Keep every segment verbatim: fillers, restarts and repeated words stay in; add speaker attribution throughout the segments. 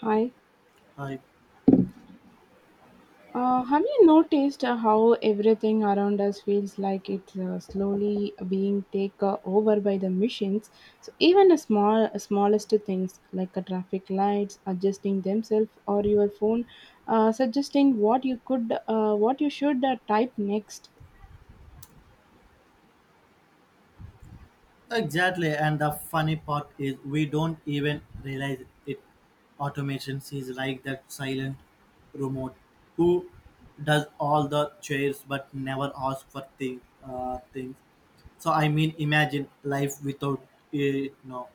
Speaker 1: Hi.
Speaker 2: I,
Speaker 1: Uh, have you noticed uh, how everything around us feels like it's uh, slowly being taken over by the machines? So even the small, smallest things like a traffic lights adjusting themselves or your phone uh, suggesting what you could, uh, what you should uh, type next.
Speaker 2: exactly. And the funny part is we don't even realize it. Automation is like that silent remote who does all the chairs but never asks for thing, uh, things. So I mean, imagine life without it now.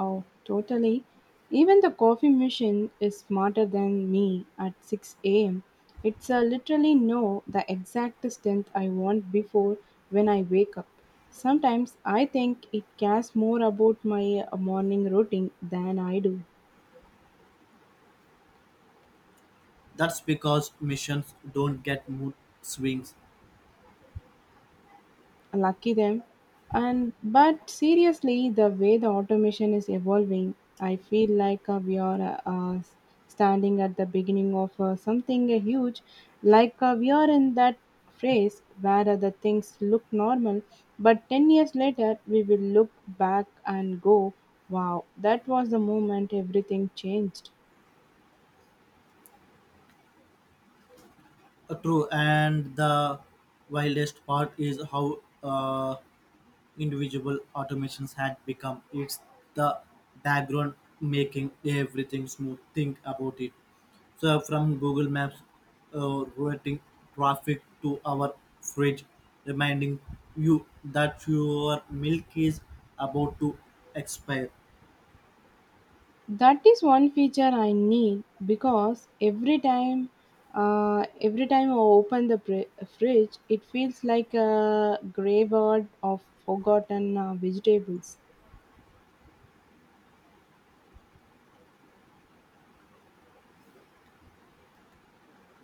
Speaker 1: Oh, totally. Even the coffee machine is smarter than me at six a m. It's uh, literally know the exact strength I want before when I wake up. Sometimes I think it cares more about my uh, morning routine than I do.
Speaker 2: That's because missions don't get mood swings.
Speaker 1: Lucky them. And but seriously, the way the automation is evolving, I feel like uh, we are uh, uh, s- standing at the beginning of uh, something uh, huge. Like uh, we are in that phase where uh, the things look normal, but ten years later we will look back and go, wow, that was the moment everything changed.
Speaker 2: Uh, True, and the wildest part is how uh, individual automations had become. It's the background making everything smooth. Think about it. So from Google Maps uh, routing traffic to our fridge reminding you that your milk is about to expire.
Speaker 1: That is one feature I need, because every time, uh, every time I open the fri- fridge, it feels like a graveyard of forgotten uh, vegetables.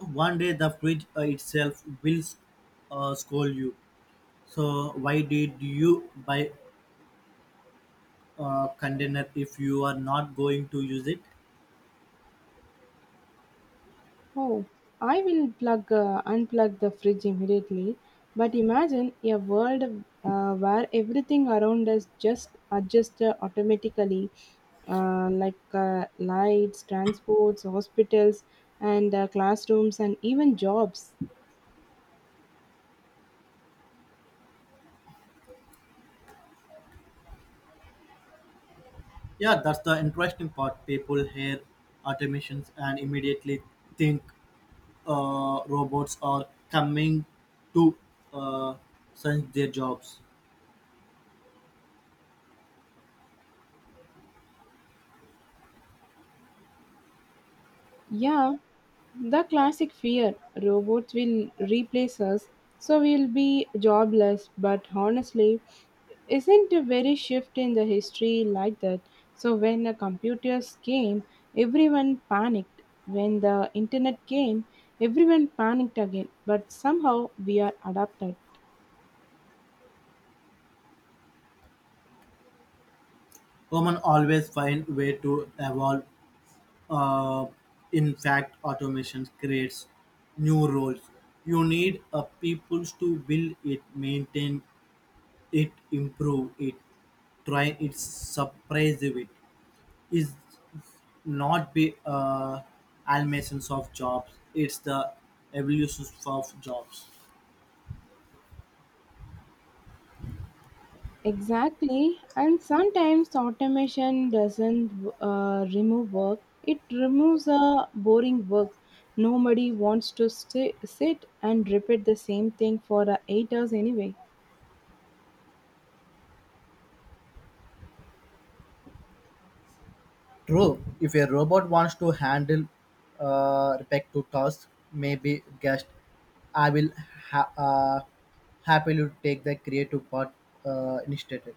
Speaker 2: One day the fridge uh, itself will uh, scold you, so why did you buy a container if you are not going to use it.
Speaker 1: Oh, I will plug uh, unplug the fridge immediately. But imagine a world uh, where everything around us just adjusts uh, automatically, uh, like uh, lights, transports, hospitals, and uh, classrooms, and even jobs.
Speaker 2: Yeah, that's the interesting part. People hear automations and immediately think uh, robots are coming to uh, sense their jobs.
Speaker 1: Yeah, the classic fear, robots will replace us, so we'll be jobless. But honestly, isn't a very shift in the history like that. So when the computers came, everyone panicked. When the internet came, everyone panicked again. But somehow we are adapted.
Speaker 2: Women always find way to evolve. Uh, in fact, automation creates new roles. You need a people to build it, maintain it, improve it, try it, surprise it. Is not be uh, eliminations of jobs; it's the evolution of jobs.
Speaker 1: Exactly, and sometimes automation doesn't uh, remove work, it removes a boring work. Nobody wants to sti- sit and repeat the same thing for uh, eight hours anyway.
Speaker 2: True, if a robot wants to handle uh, repetitive tasks, maybe guest, I will ha- uh, happily take the creative part uh, initiated.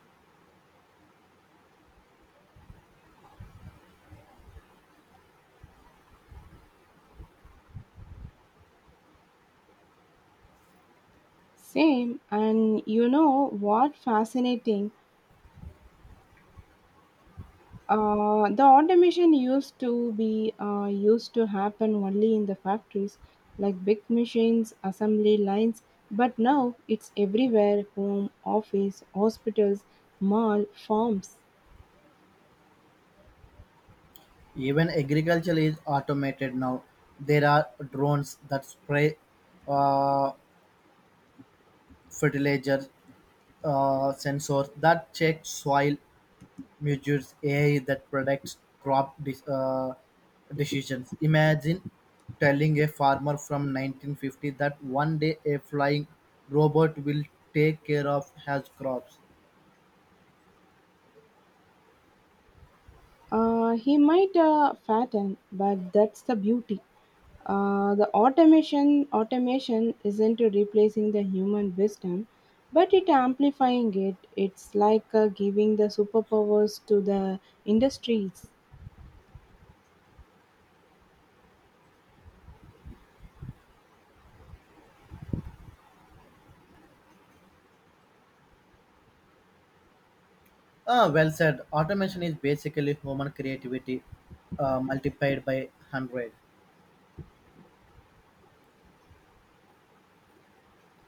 Speaker 1: Same, and you know what fascinating? Uh, the automation used to be uh, used to happen only in the factories, like big machines, assembly lines, but now it's everywhere: home, office, hospitals, mall, farms.
Speaker 2: Even agriculture is automated now. There are drones that spray uh, fertilizer, uh, sensors that check soil measures, A I that predicts crop dis- uh, decisions. Imagine telling a farmer from nineteen fifty that one day a flying robot will take care of his crops.
Speaker 1: Uh, he might uh, fatten, but that's the beauty. Uh, the automation automation isn't replacing the human wisdom, but it amplifying it. It's like uh, giving the superpowers to the industries.
Speaker 2: Ah, well said. Automation is basically human creativity uh, multiplied by one hundred.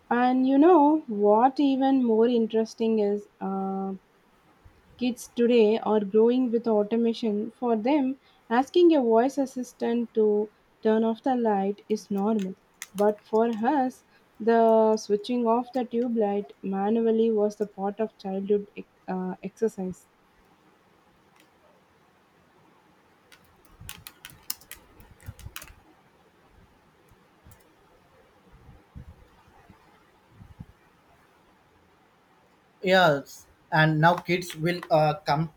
Speaker 1: And you know what even more interesting is, uh, kids today are growing with automation. For them, asking a voice assistant to turn off the light is normal. But for us, the switching off the tube light manually was the part of childhood ex- uh, exercise.
Speaker 2: Yes, and now kids will uh, come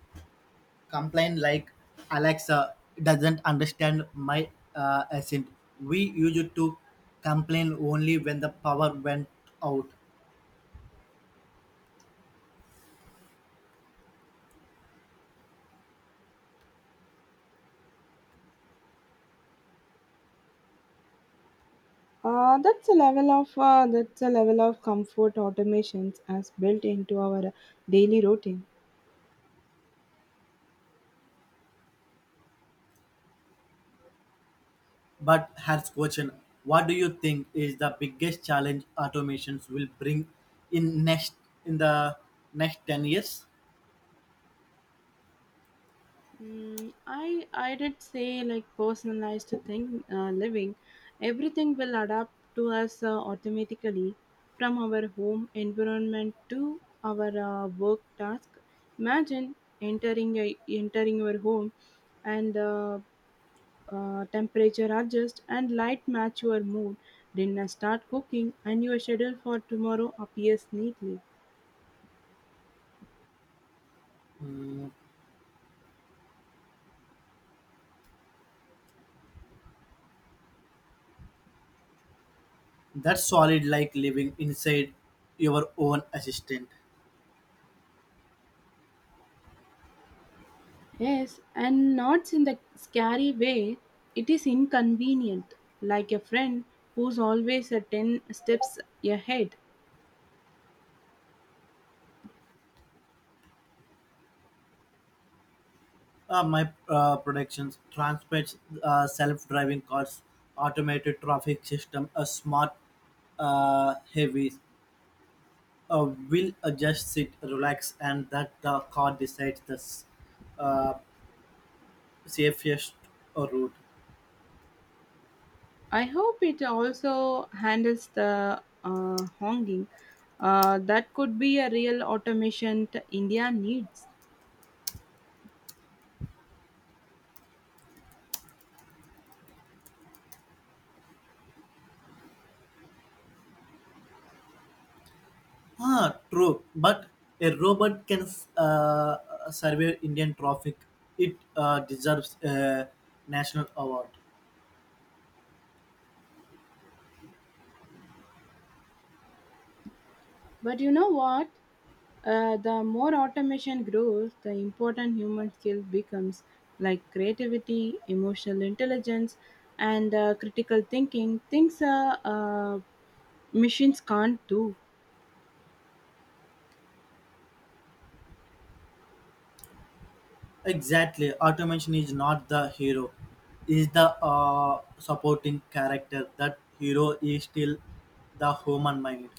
Speaker 2: complain like, Alexa doesn't understand my uh, accent. We used to complain only when the power went out.
Speaker 1: Uh, that's a level of uh, that's a level of comfort automations as built into our daily routine.
Speaker 2: But has question, what do you think is the biggest challenge automations will bring in next in the next ten years?
Speaker 1: Mm, I I did say like personalized thing uh, living, everything will adapt to us uh, automatically, from our home environment to our uh, work task. Imagine entering a, entering your home, and uh, uh, temperature adjust and light match your mood. Dinner start cooking and your schedule for tomorrow appears neatly.
Speaker 2: Mm, that's solid, like living inside your own assistant.
Speaker 1: Yes, and not in the scary way. It is inconvenient, like a friend who's always a ten steps ahead.
Speaker 2: Uh, my uh, productions transports, uh, self-driving cars, automated traffic system, a smart uh, heavies. Uh, will uh, just sit, relax, and that the car decides the s- uh, safest route.
Speaker 1: I hope it also handles the uh, honging. Uh, that could be a real automation t- India needs.
Speaker 2: Ah, true. But a robot can uh, survey Indian traffic. It uh, deserves a national award.
Speaker 1: But you know what? Uh, the more automation grows, the important human skill becomes, like creativity, emotional intelligence, and uh, critical thinking. Things uh, uh, machines can't do.
Speaker 2: Exactly, automation is not the hero; is the uh, supporting character. That hero is still the human mind.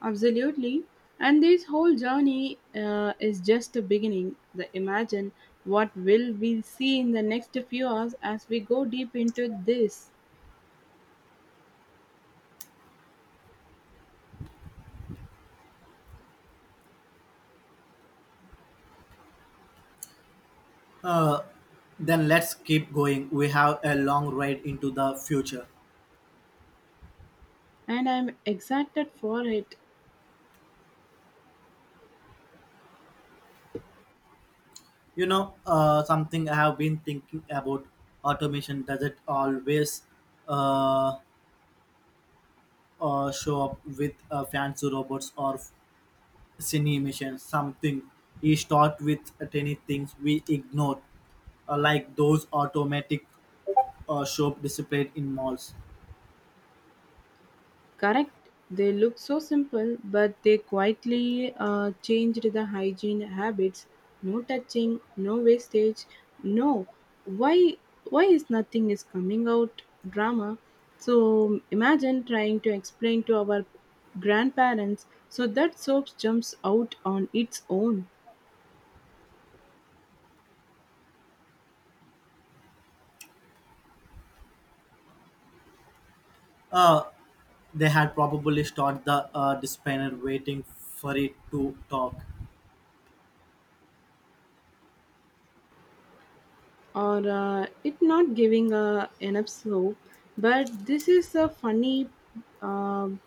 Speaker 1: Absolutely. And this whole journey uh, is just a beginning. The imagine what will we see in the next few hours as we go deep into this.
Speaker 2: Uh, then let's keep going. We have a long ride into the future.
Speaker 1: And I'm excited for it.
Speaker 2: You know, uh, something I have been thinking about. Automation doesn't always uh, uh, show up with uh, fancy robots or cinemation. Something he start with tiny things we ignore, uh, like those automatic uh, shop displayed in malls.
Speaker 1: Correct. They look so simple, but they quietly uh, changed the hygiene habits. No touching, no wastage, no. Why? Why is nothing is coming out drama? So imagine trying to explain to our grandparents so that soap jumps out on its own,
Speaker 2: uh, they had probably started the uh, dispenser waiting for it to talk.
Speaker 1: or uh, it not giving uh, enough soap. But this is a funny. um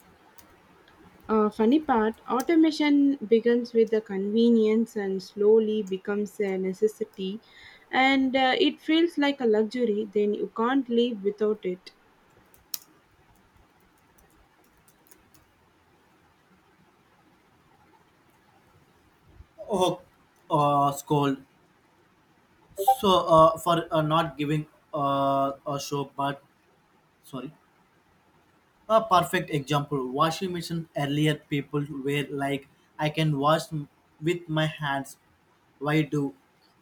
Speaker 1: Uh, funny part, automation begins with the convenience and slowly becomes a necessity, and uh, it feels like a luxury, then you can't live without it.
Speaker 2: Oh, uh, scold so uh, for uh, not giving uh, a show. But sorry. A perfect example, washing machine. Earlier people were like, I can wash m- with my hands, why do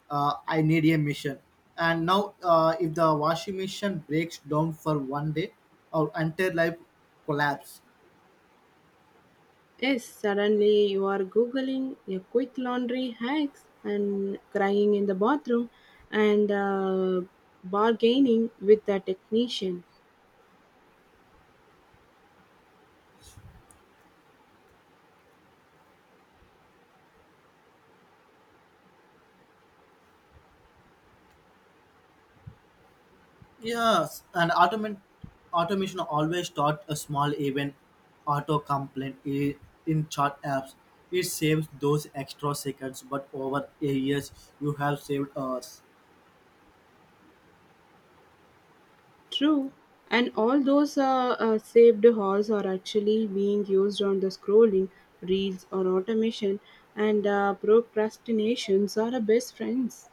Speaker 2: uh, I need a machine? And now, uh, if the washing machine breaks down for one day, our entire life collapse.
Speaker 1: Yes, suddenly you are Googling your quick laundry hacks and crying in the bathroom and uh, bargaining with the technician.
Speaker 2: Yes, and automation automation always start a small event, auto complaint i- in chart apps. It saves those extra seconds, but over a years you have saved hours.
Speaker 1: True, and all those uh, uh, saved halls are actually being used on the scrolling, reels, or automation, and uh, procrastinations are our best friends.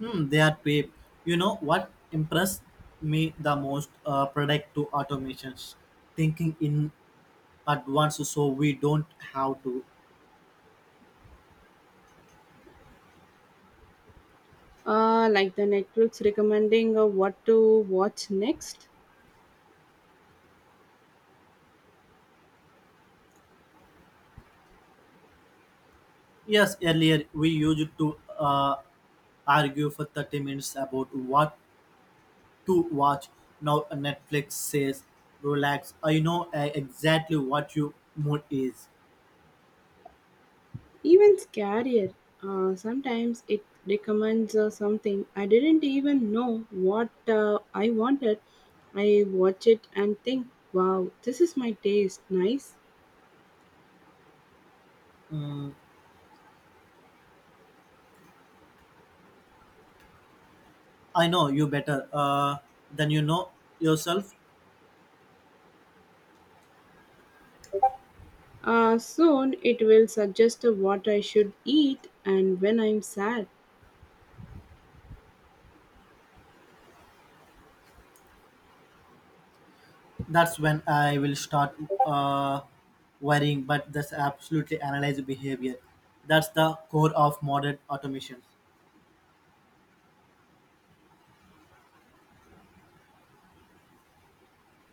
Speaker 2: Hmm, they are cheap. You know what impressed me the most? Uh, product to automations, thinking in advance so we don't have to.
Speaker 1: Uh, like the Netflix recommending uh, what to watch next,
Speaker 2: Yes, earlier we used to uh, argue for thirty minutes about what to watch. Now Netflix says, relax. I know uh, exactly what your mood is.
Speaker 1: even scarier. Uh, sometimes it recommends uh, something I didn't even know what uh, I wanted. I watch it and think, wow, this is my taste, nice.
Speaker 2: Mm, I know you better uh, than you know yourself.
Speaker 1: Uh, soon it will suggest what I should eat and when I'm sad.
Speaker 2: That's when I will start uh, worrying, but that's absolutely analyze behavior. That's the core of modern automation.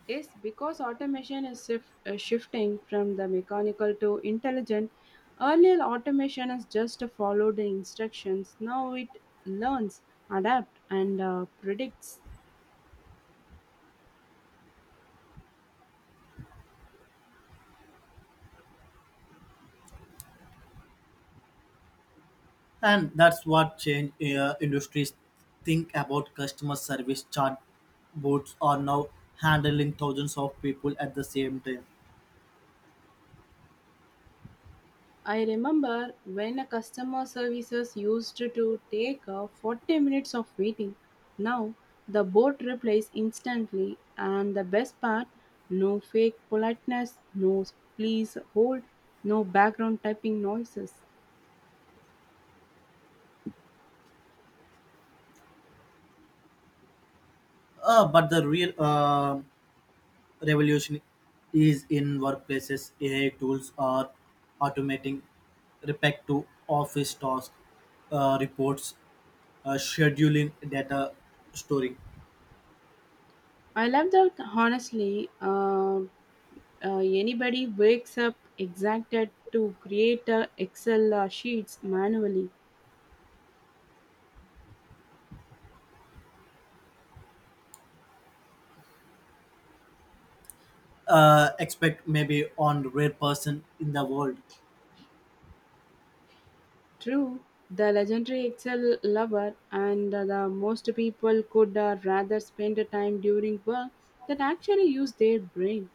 Speaker 1: Yes, because automation is shif- uh, shifting from the mechanical to intelligent. Earlier, automation is just to follow the instructions. Now it learns, adapts, and uh, predicts.
Speaker 2: And that's what change uh, industries. Think about customer service, chat bots are now handling thousands of people at the same time.
Speaker 1: I remember when a customer services used to take uh, forty minutes of waiting. Now the bot replies instantly, and the best part: no fake politeness, no please hold, no background typing noises.
Speaker 2: Uh, but the real uh, revolution is in workplaces. A I tools are automating repetitive office tasks, uh, reports, uh, scheduling, data storing.
Speaker 1: I love that honestly. Uh, uh, anybody wakes up exacted to create uh, Excel uh, sheets manually.
Speaker 2: Uh, expect maybe on rare person in the world.
Speaker 1: True, the legendary Excel lover, and the most people could uh, rather spend the time during work that actually use their brain.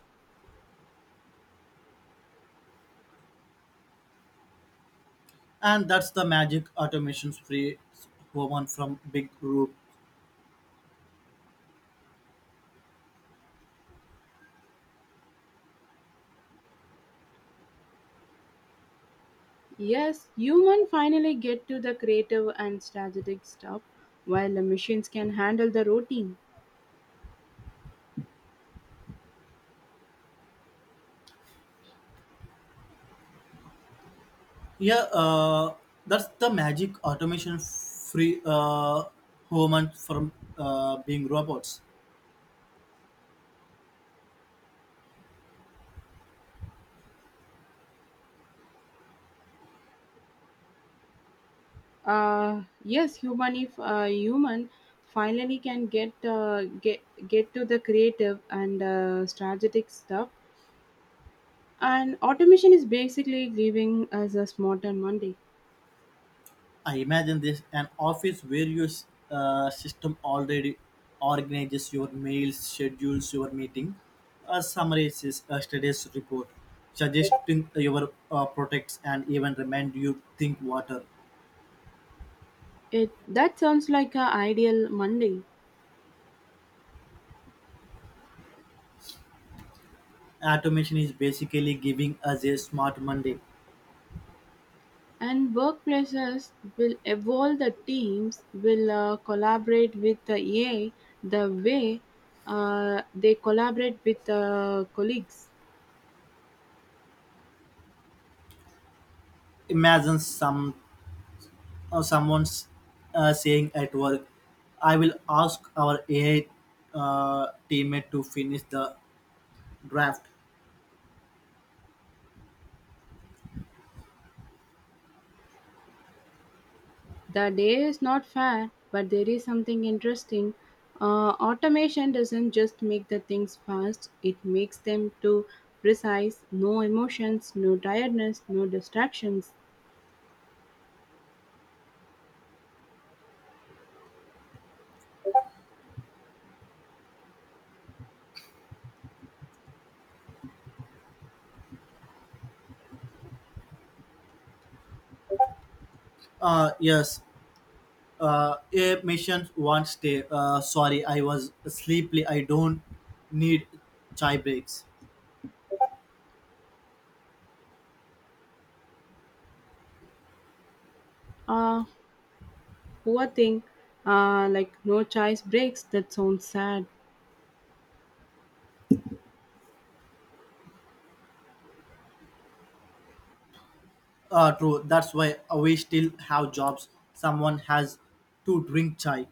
Speaker 2: And that's the magic, automation free woman from big group.
Speaker 1: Yes, human finally get to the creative and strategic stuff, while the machines can handle the routine.
Speaker 2: Yeah, uh, that's the magic, automation free uh, woman from uh, being robots.
Speaker 1: Uh, yes, human if uh, human finally can get uh, get get to the creative and uh, strategic stuff, and automation is basically giving us a smarter Monday.
Speaker 2: I imagine this, an office where your uh, system already organizes your mails, schedules your meeting, uh, summarizes a studies report, suggesting your uh, products, and even remind you think water.
Speaker 1: It that sounds like a ideal Monday.
Speaker 2: Automation is basically giving us a smart Monday.
Speaker 1: And workplaces will evolve. The teams will uh, collaborate with the A I the way uh, they collaborate with uh, colleagues.
Speaker 2: Imagine some uh, someone's uh, saying at work, I will ask our A I uh, teammate to finish the draft.
Speaker 1: The day is not fair, but there is something interesting. Uh, automation doesn't just make the things fast; it makes them too precise. No emotions, no tiredness, no distractions.
Speaker 2: Uh, yes, uh, a mission won't stay. Uh, sorry, I was sleepy. I don't need chai breaks.
Speaker 1: Uh, Poor thing, uh, like no choice breaks. That sounds sad.
Speaker 2: Uh, true. That's why we still have jobs. Someone has to drink chai.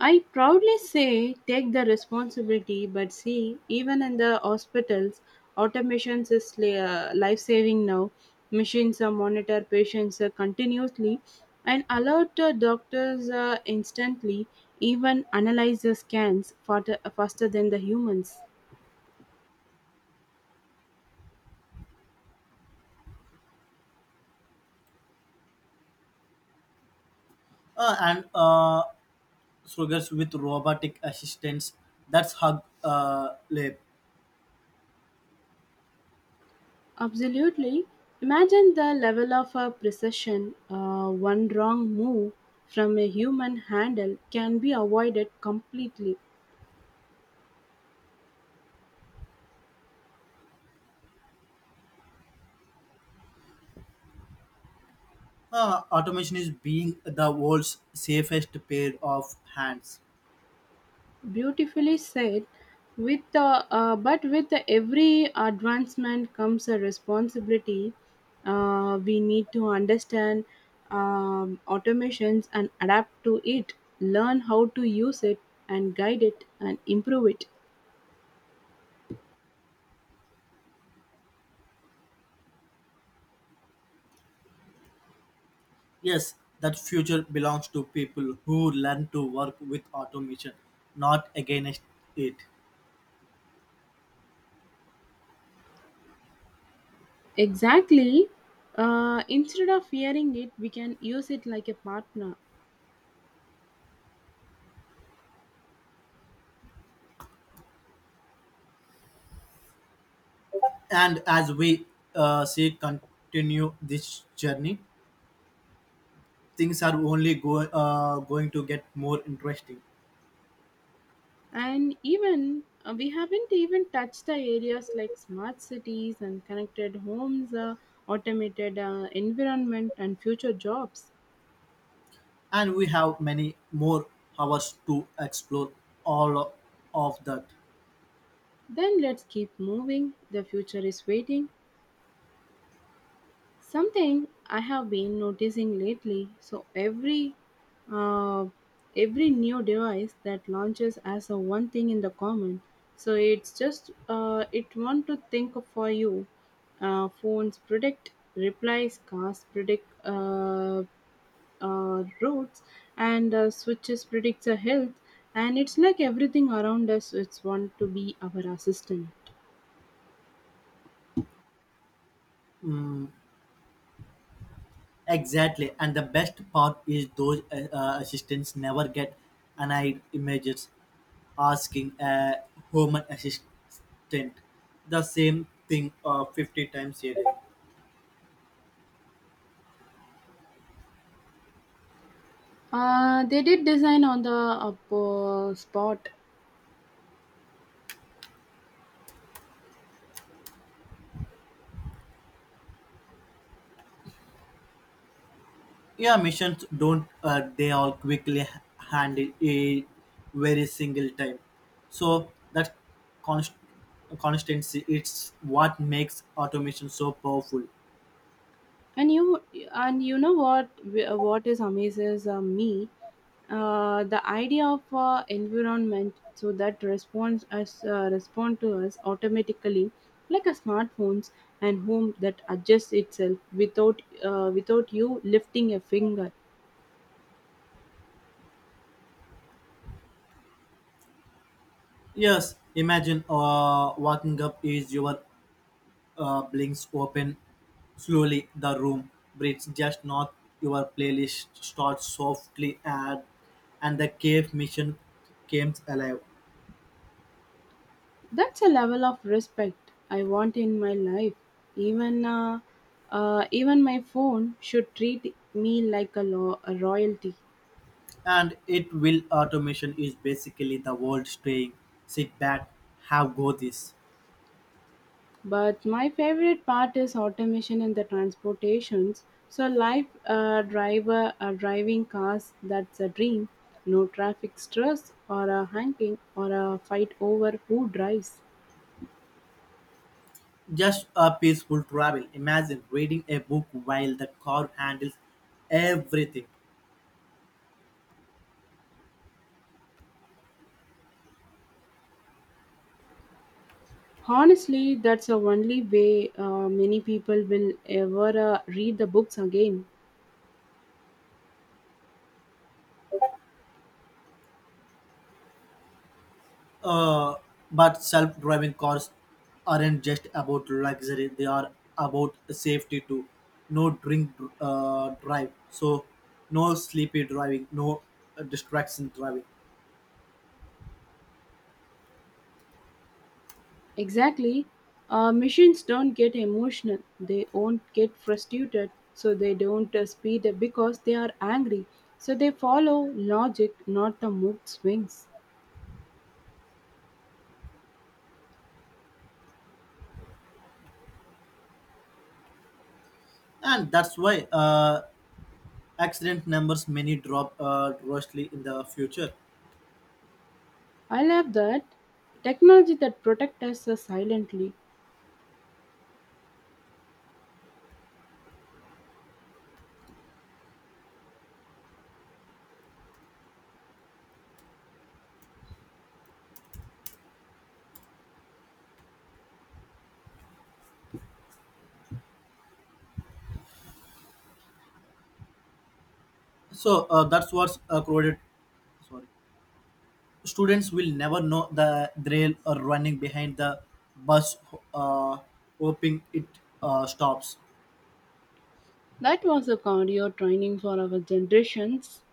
Speaker 1: I proudly say take the responsibility, but see, even in the hospitals, automation is li- uh, life saving now. Machines uh, monitor patients uh, continuously and alert uh, doctors uh, instantly, even analyze the scans faster, faster than the humans.
Speaker 2: Uh, and uh, sugars with robotic assistance. That's hug uh, lab.
Speaker 1: Absolutely. Imagine the level of uh, precision. Uh, one wrong move from a human handle can be avoided completely.
Speaker 2: Uh, automation is being the world's safest pair of hands.
Speaker 1: Beautifully said. With uh, uh, but with every advancement comes a responsibility. Uh, we need to understand um, automations and adapt to it, learn how to use it, and guide it and improve it.
Speaker 2: Yes, that future belongs to people who learn to work with automation, not against it.
Speaker 1: Exactly. Uh, instead of fearing it, we can use it like a partner.
Speaker 2: And as we uh, see continue this journey, things are only go, uh, going to get more interesting.
Speaker 1: And even uh, we haven't even touched the areas like smart cities and connected homes, uh, automated uh, environment, and future jobs.
Speaker 2: And we have many more hours to explore all of that.
Speaker 1: Then let's keep moving. The future is waiting. Something I have been noticing lately. So every uh, every new device that launches as a one thing in the common. So it's just uh, it want to think for you. Uh, phones predict replies, cars predict uh, uh, roads, and uh, switches predicts our health. And it's like everything around us. It's want to be our assistant.
Speaker 2: Mm, exactly, and the best part is those uh, uh, assistants never get annoyed. Images asking a human assistant the same thing uh, fifty times a day.
Speaker 1: Uh, they did design on the uh, po- spot.
Speaker 2: Yeah, missions don't uh, they all quickly h- handle it very single time. So that const- constancy, it's what makes automation so powerful.
Speaker 1: And you and you know what wh- what is amazes uh, me, uh, the idea of uh, environment so that responds us uh, respond to us automatically, like a smartphones and home that adjusts itself without uh, without you lifting a finger.
Speaker 2: Yes, imagine uh, waking up is your uh, blinks open slowly, the room breathes just not, your playlist starts softly, and and the cave mission comes alive.
Speaker 1: That's a level of respect I want in my life. Even uh, uh, even my phone should treat me like a, lo- a royalty.
Speaker 2: And it will. Automation is basically the world saying, sit back, have go this.
Speaker 1: But my favorite part is automation in the transportations. So life uh, driver uh, driving cars, that's a dream. No traffic stress or a honking or a fight over who drives.
Speaker 2: Just a peaceful travel, imagine reading a book while the car handles everything.
Speaker 1: Honestly, that's the only way uh, many people will ever uh, read the books again.
Speaker 2: uh, but self-driving cars aren't just about luxury, they are about safety too. No drink uh, drive so, no sleepy driving, no uh, distraction driving.
Speaker 1: Exactly. Uh, machines don't get emotional. They won't get frustrated. So they don't uh, speed up because they are angry. So they follow logic, not the mood swings.
Speaker 2: And that's why uh, accident numbers many drop uh, drastically in the future.
Speaker 1: I love that. Technology that protects us uh, silently.
Speaker 2: So uh, that's what's uh, crowded, sorry, students will never know the thrill or running behind the bus, uh, hoping it uh, stops.
Speaker 1: That was a cardio training for our generations.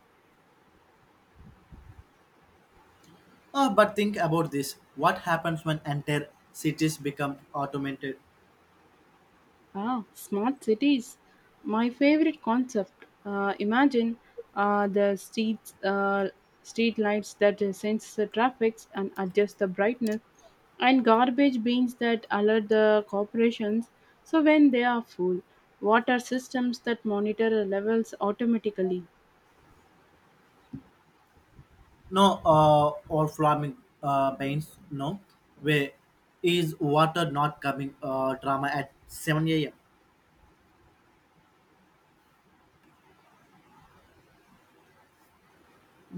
Speaker 2: uh, But think about this, what happens when entire cities become automated?
Speaker 1: Ah, smart cities. My favorite concept. Uh, imagine uh, the streets, uh, street lights that sense the traffic and adjust the brightness, and garbage bins that alert the corporations so when they are full, water systems that monitor the levels automatically.
Speaker 2: No, uh, or farming uh, banks, no, where is water not coming uh, drama at seven a.m.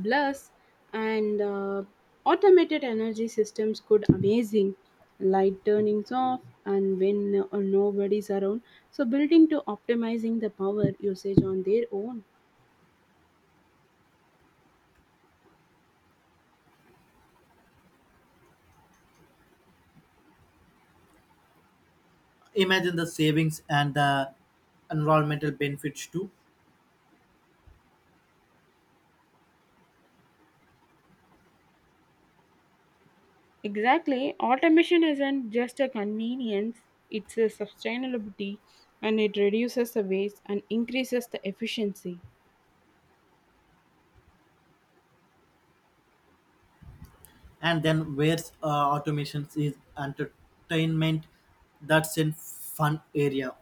Speaker 1: Plus, and uh, automated energy systems could amazing, light turnings off and when uh, nobody's around, so building to optimizing the power usage on their own.
Speaker 2: Imagine the savings and the environmental benefits too.
Speaker 1: Exactly. Automation isn't just a convenience, it's a sustainability, and it reduces the waste and increases the efficiency.
Speaker 2: And then where's uh, automation is entertainment, that's in fun area.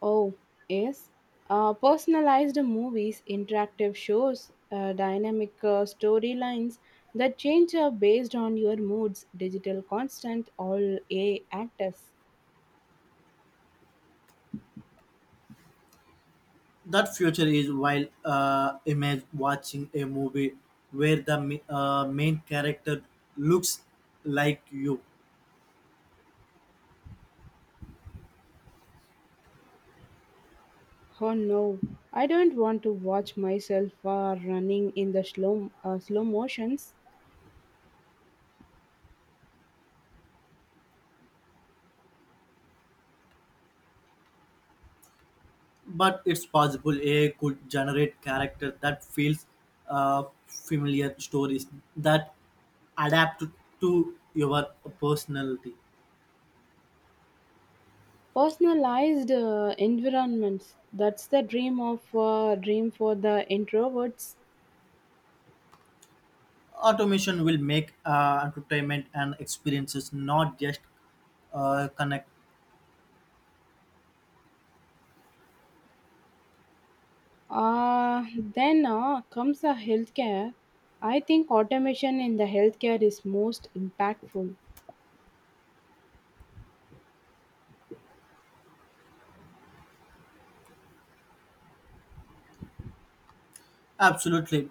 Speaker 1: Oh, yes. Uh, personalized movies, interactive shows, uh, dynamic uh, storylines that change uh, based on your moods, digital constant, all A actors.
Speaker 2: That future is while uh, image watching a movie where the mi- uh, main character looks like you.
Speaker 1: Oh no, I don't want to watch myself uh, running in the slow, uh, slow motions.
Speaker 2: But it's possible A I could generate character that feels uh, familiar, stories that adapt to your personality.
Speaker 1: Personalized uh, environments, that's the dream of uh, dream for the introverts.
Speaker 2: Automation will make uh, entertainment and experiences, not just uh, connect.
Speaker 1: Uh, then uh, comes the healthcare. I think automation in the healthcare is most impactful.
Speaker 2: Absolutely.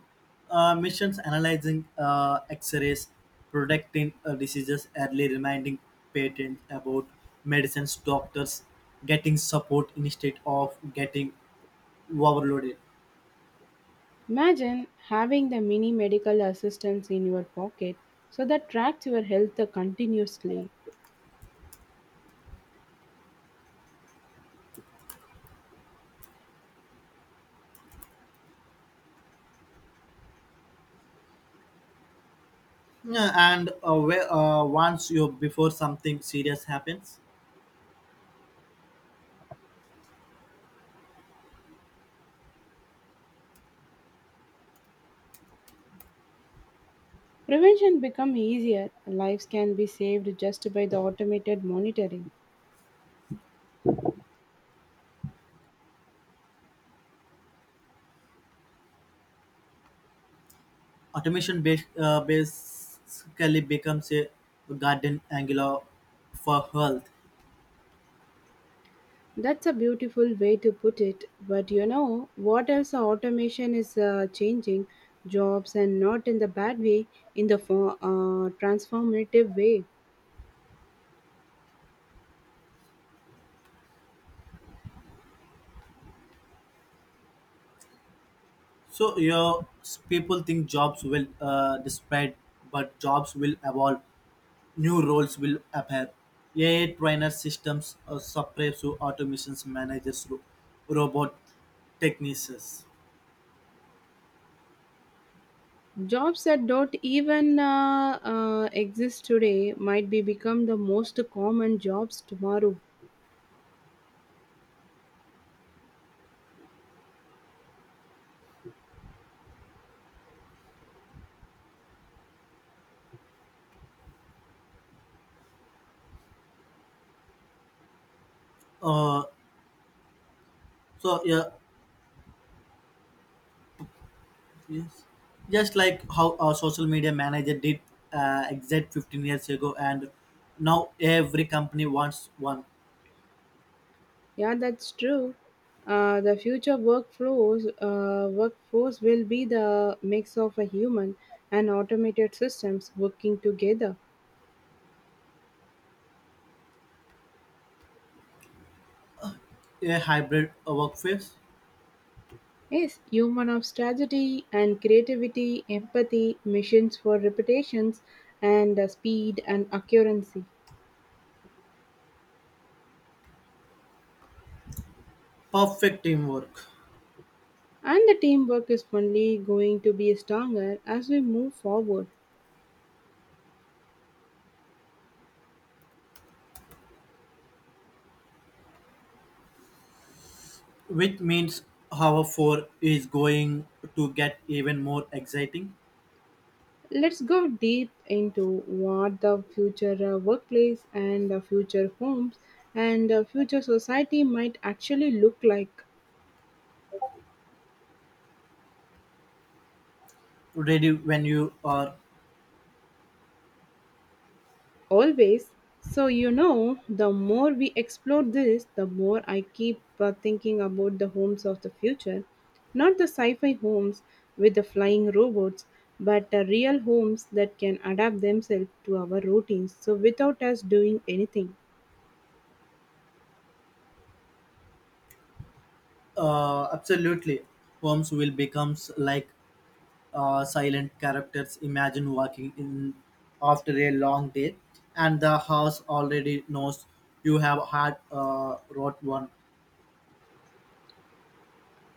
Speaker 2: Uh, missions analyzing uh, x rays, predicting uh, diseases early, reminding patients about medicines, doctors getting support instead of getting overloaded.
Speaker 1: Imagine having the mini medical assistance in your pocket so that tracks your health continuously.
Speaker 2: Yeah, and uh, where, uh, once you before something serious happens,
Speaker 1: Prevention becomes easier. Lives can be saved just by the automated monitoring.
Speaker 2: automation bas- uh, basically becomes a garden angular for health.
Speaker 1: That's a beautiful way to put it. But you know, what else automation is uh, changing jobs, and not in the bad way, in the for, uh, transformative way.
Speaker 2: So you know, s- people think jobs will uh, spread, but jobs will evolve. New roles will appear. A I trainer systems, uh, suppress to automations, managers, ro- robot technicians.
Speaker 1: Jobs that don't even uh, uh, exist today might be become the most common jobs tomorrow.
Speaker 2: Uh, so yeah, yes. Just like how a social media manager did uh, exact fifteen years ago, and now every company wants one.
Speaker 1: Yeah, that's true. Uh, the future workflows uh, workforce will be the mix of a human and automated systems working together.
Speaker 2: A hybrid uh, workforce,
Speaker 1: Yes, human of strategy and creativity, empathy, missions for reputations, and uh, speed and accuracy.
Speaker 2: perfect teamwork.
Speaker 1: And the teamwork is only going to be stronger as we move forward.
Speaker 2: Which means Hour four is going to get even more exciting.
Speaker 1: Let's go deep into what the future uh, workplace and the future homes and the future society might actually look like
Speaker 2: Ready when you are.
Speaker 1: always. So, you know, the more we explore this, the more I keep uh, thinking about the homes of the future. Not the sci fi homes with the flying robots, but the real homes that can adapt themselves to our routines so without us doing anything.
Speaker 2: Uh, absolutely. Holmes will becomes like uh, silent characters. Imagine walking in after a long day, and the house already knows you have had uh, wrote one.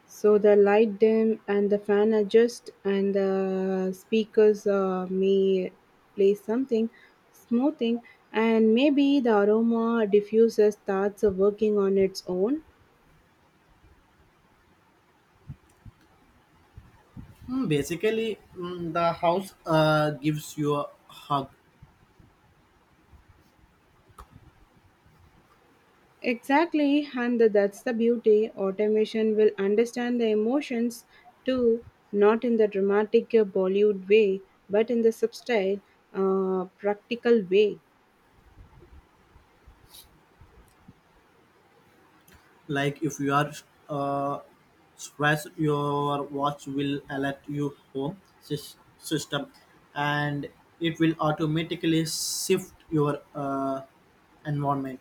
Speaker 1: So the light dim and the fan adjust and the speakers uh, may play something smoothing, and maybe the aroma diffuser starts working on its own.
Speaker 2: Hmm, basically, mm, the house uh, gives you a hug.
Speaker 1: Exactly, and that's the beauty. Automation will understand the emotions too, not in the dramatic uh, Bollywood way, but in the subtle, uh, practical way.
Speaker 2: Like if you are uh, stressed, your watch will alert you home sys- system, and it will automatically shift your uh, environment.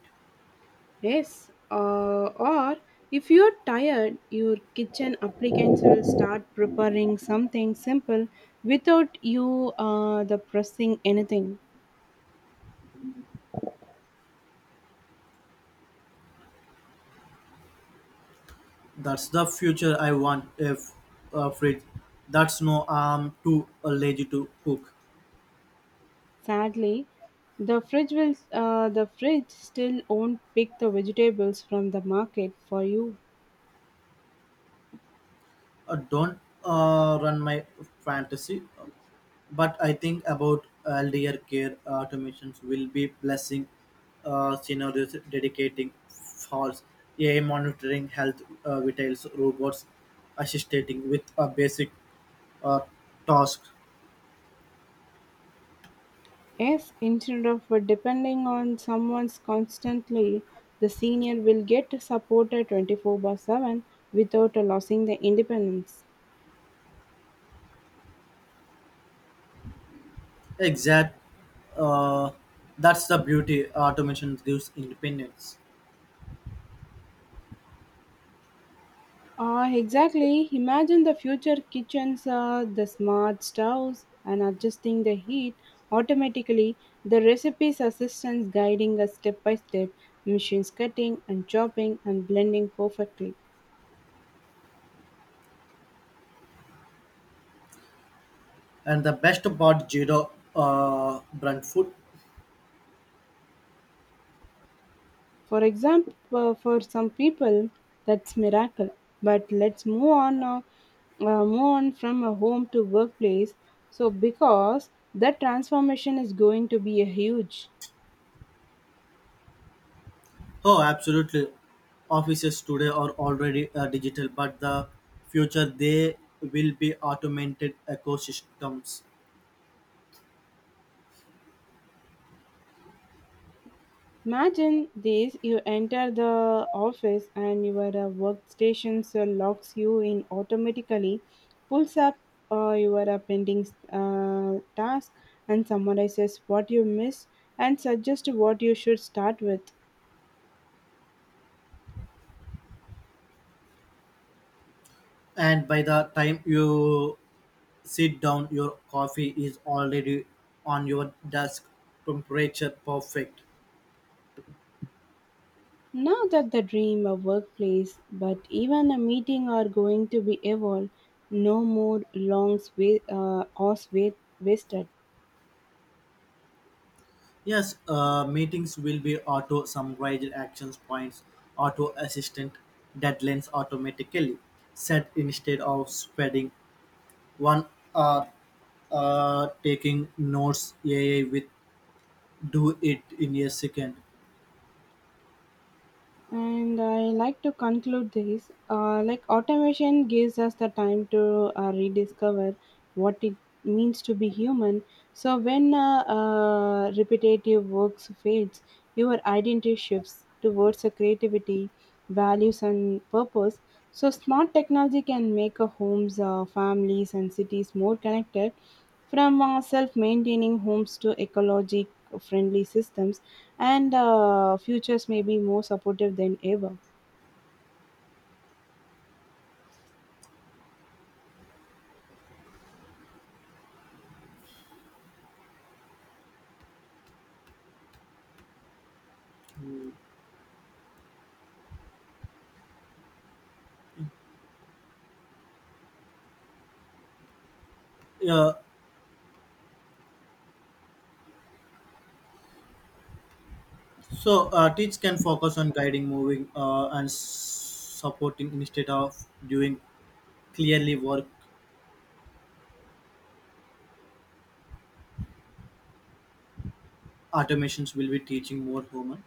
Speaker 1: Yes, uh, or if you're tired, your kitchen applicants will start preparing something simple without you uh, the pressing anything.
Speaker 2: That's the future I want, if a fridge that's, no I'm too uh, lazy to cook.
Speaker 1: Sadly, the fridge will uh, the fridge still won't pick the vegetables from the market for you.
Speaker 2: Uh, don't uh, run my fantasy. But I think about elder care, automations will be blessing uh, scenarios, dedicating false A I monitoring health uh, vitals, robots assisting with a basic uh, task.
Speaker 1: Yes, instead of depending on someone's constantly, the senior will get supported twenty four by seven without losing their independence.
Speaker 2: Exact. Uh, that's the beauty, automation gives independence.
Speaker 1: Uh, exactly. Imagine the future kitchens, uh, the smart stoves, and adjusting the heat automatically. The recipes assistants guiding us step by step, machines cutting and chopping and blending perfectly.
Speaker 2: And the best part, zero uh, brunt food.
Speaker 1: For example, uh, for some people, that's miracle. But let's move on now. Uh, move on from a home to workplace. So because that transformation is going to be a huge.
Speaker 2: Oh, absolutely. Offices today are already uh, digital, but the future they will be automated ecosystems.
Speaker 1: Imagine this, you enter the office and your uh, workstation so locks you in automatically, pulls up uh, your uh, pending uh, task, and summarizes what you missed and suggests what you should start with.
Speaker 2: And by the time you sit down, your coffee is already on your desk, temperature perfect.
Speaker 1: Now that the dream of workplace, but even a meeting are going to be evolved, no more long wait, uh, hours wait, wasted.
Speaker 2: Yes, uh, meetings will be auto summarized, actions points auto assistant, deadlines automatically set instead of spreading one are uh, taking notes. A I with do it in a second.
Speaker 1: And I like to conclude this uh, like automation gives us the time to uh, rediscover what it means to be human. So when uh, uh, repetitive works fades, your identity shifts towards a creativity, values, and purpose. So, smart technology can make uh, homes, uh, families, and cities more connected, from uh, self maintaining homes to ecologic friendly systems, and uh, futures may be more supportive than ever.
Speaker 2: Yeah. So uh, teach can focus on guiding, moving, uh, and s- supporting instead of doing clearly work. Automations will be teaching more human.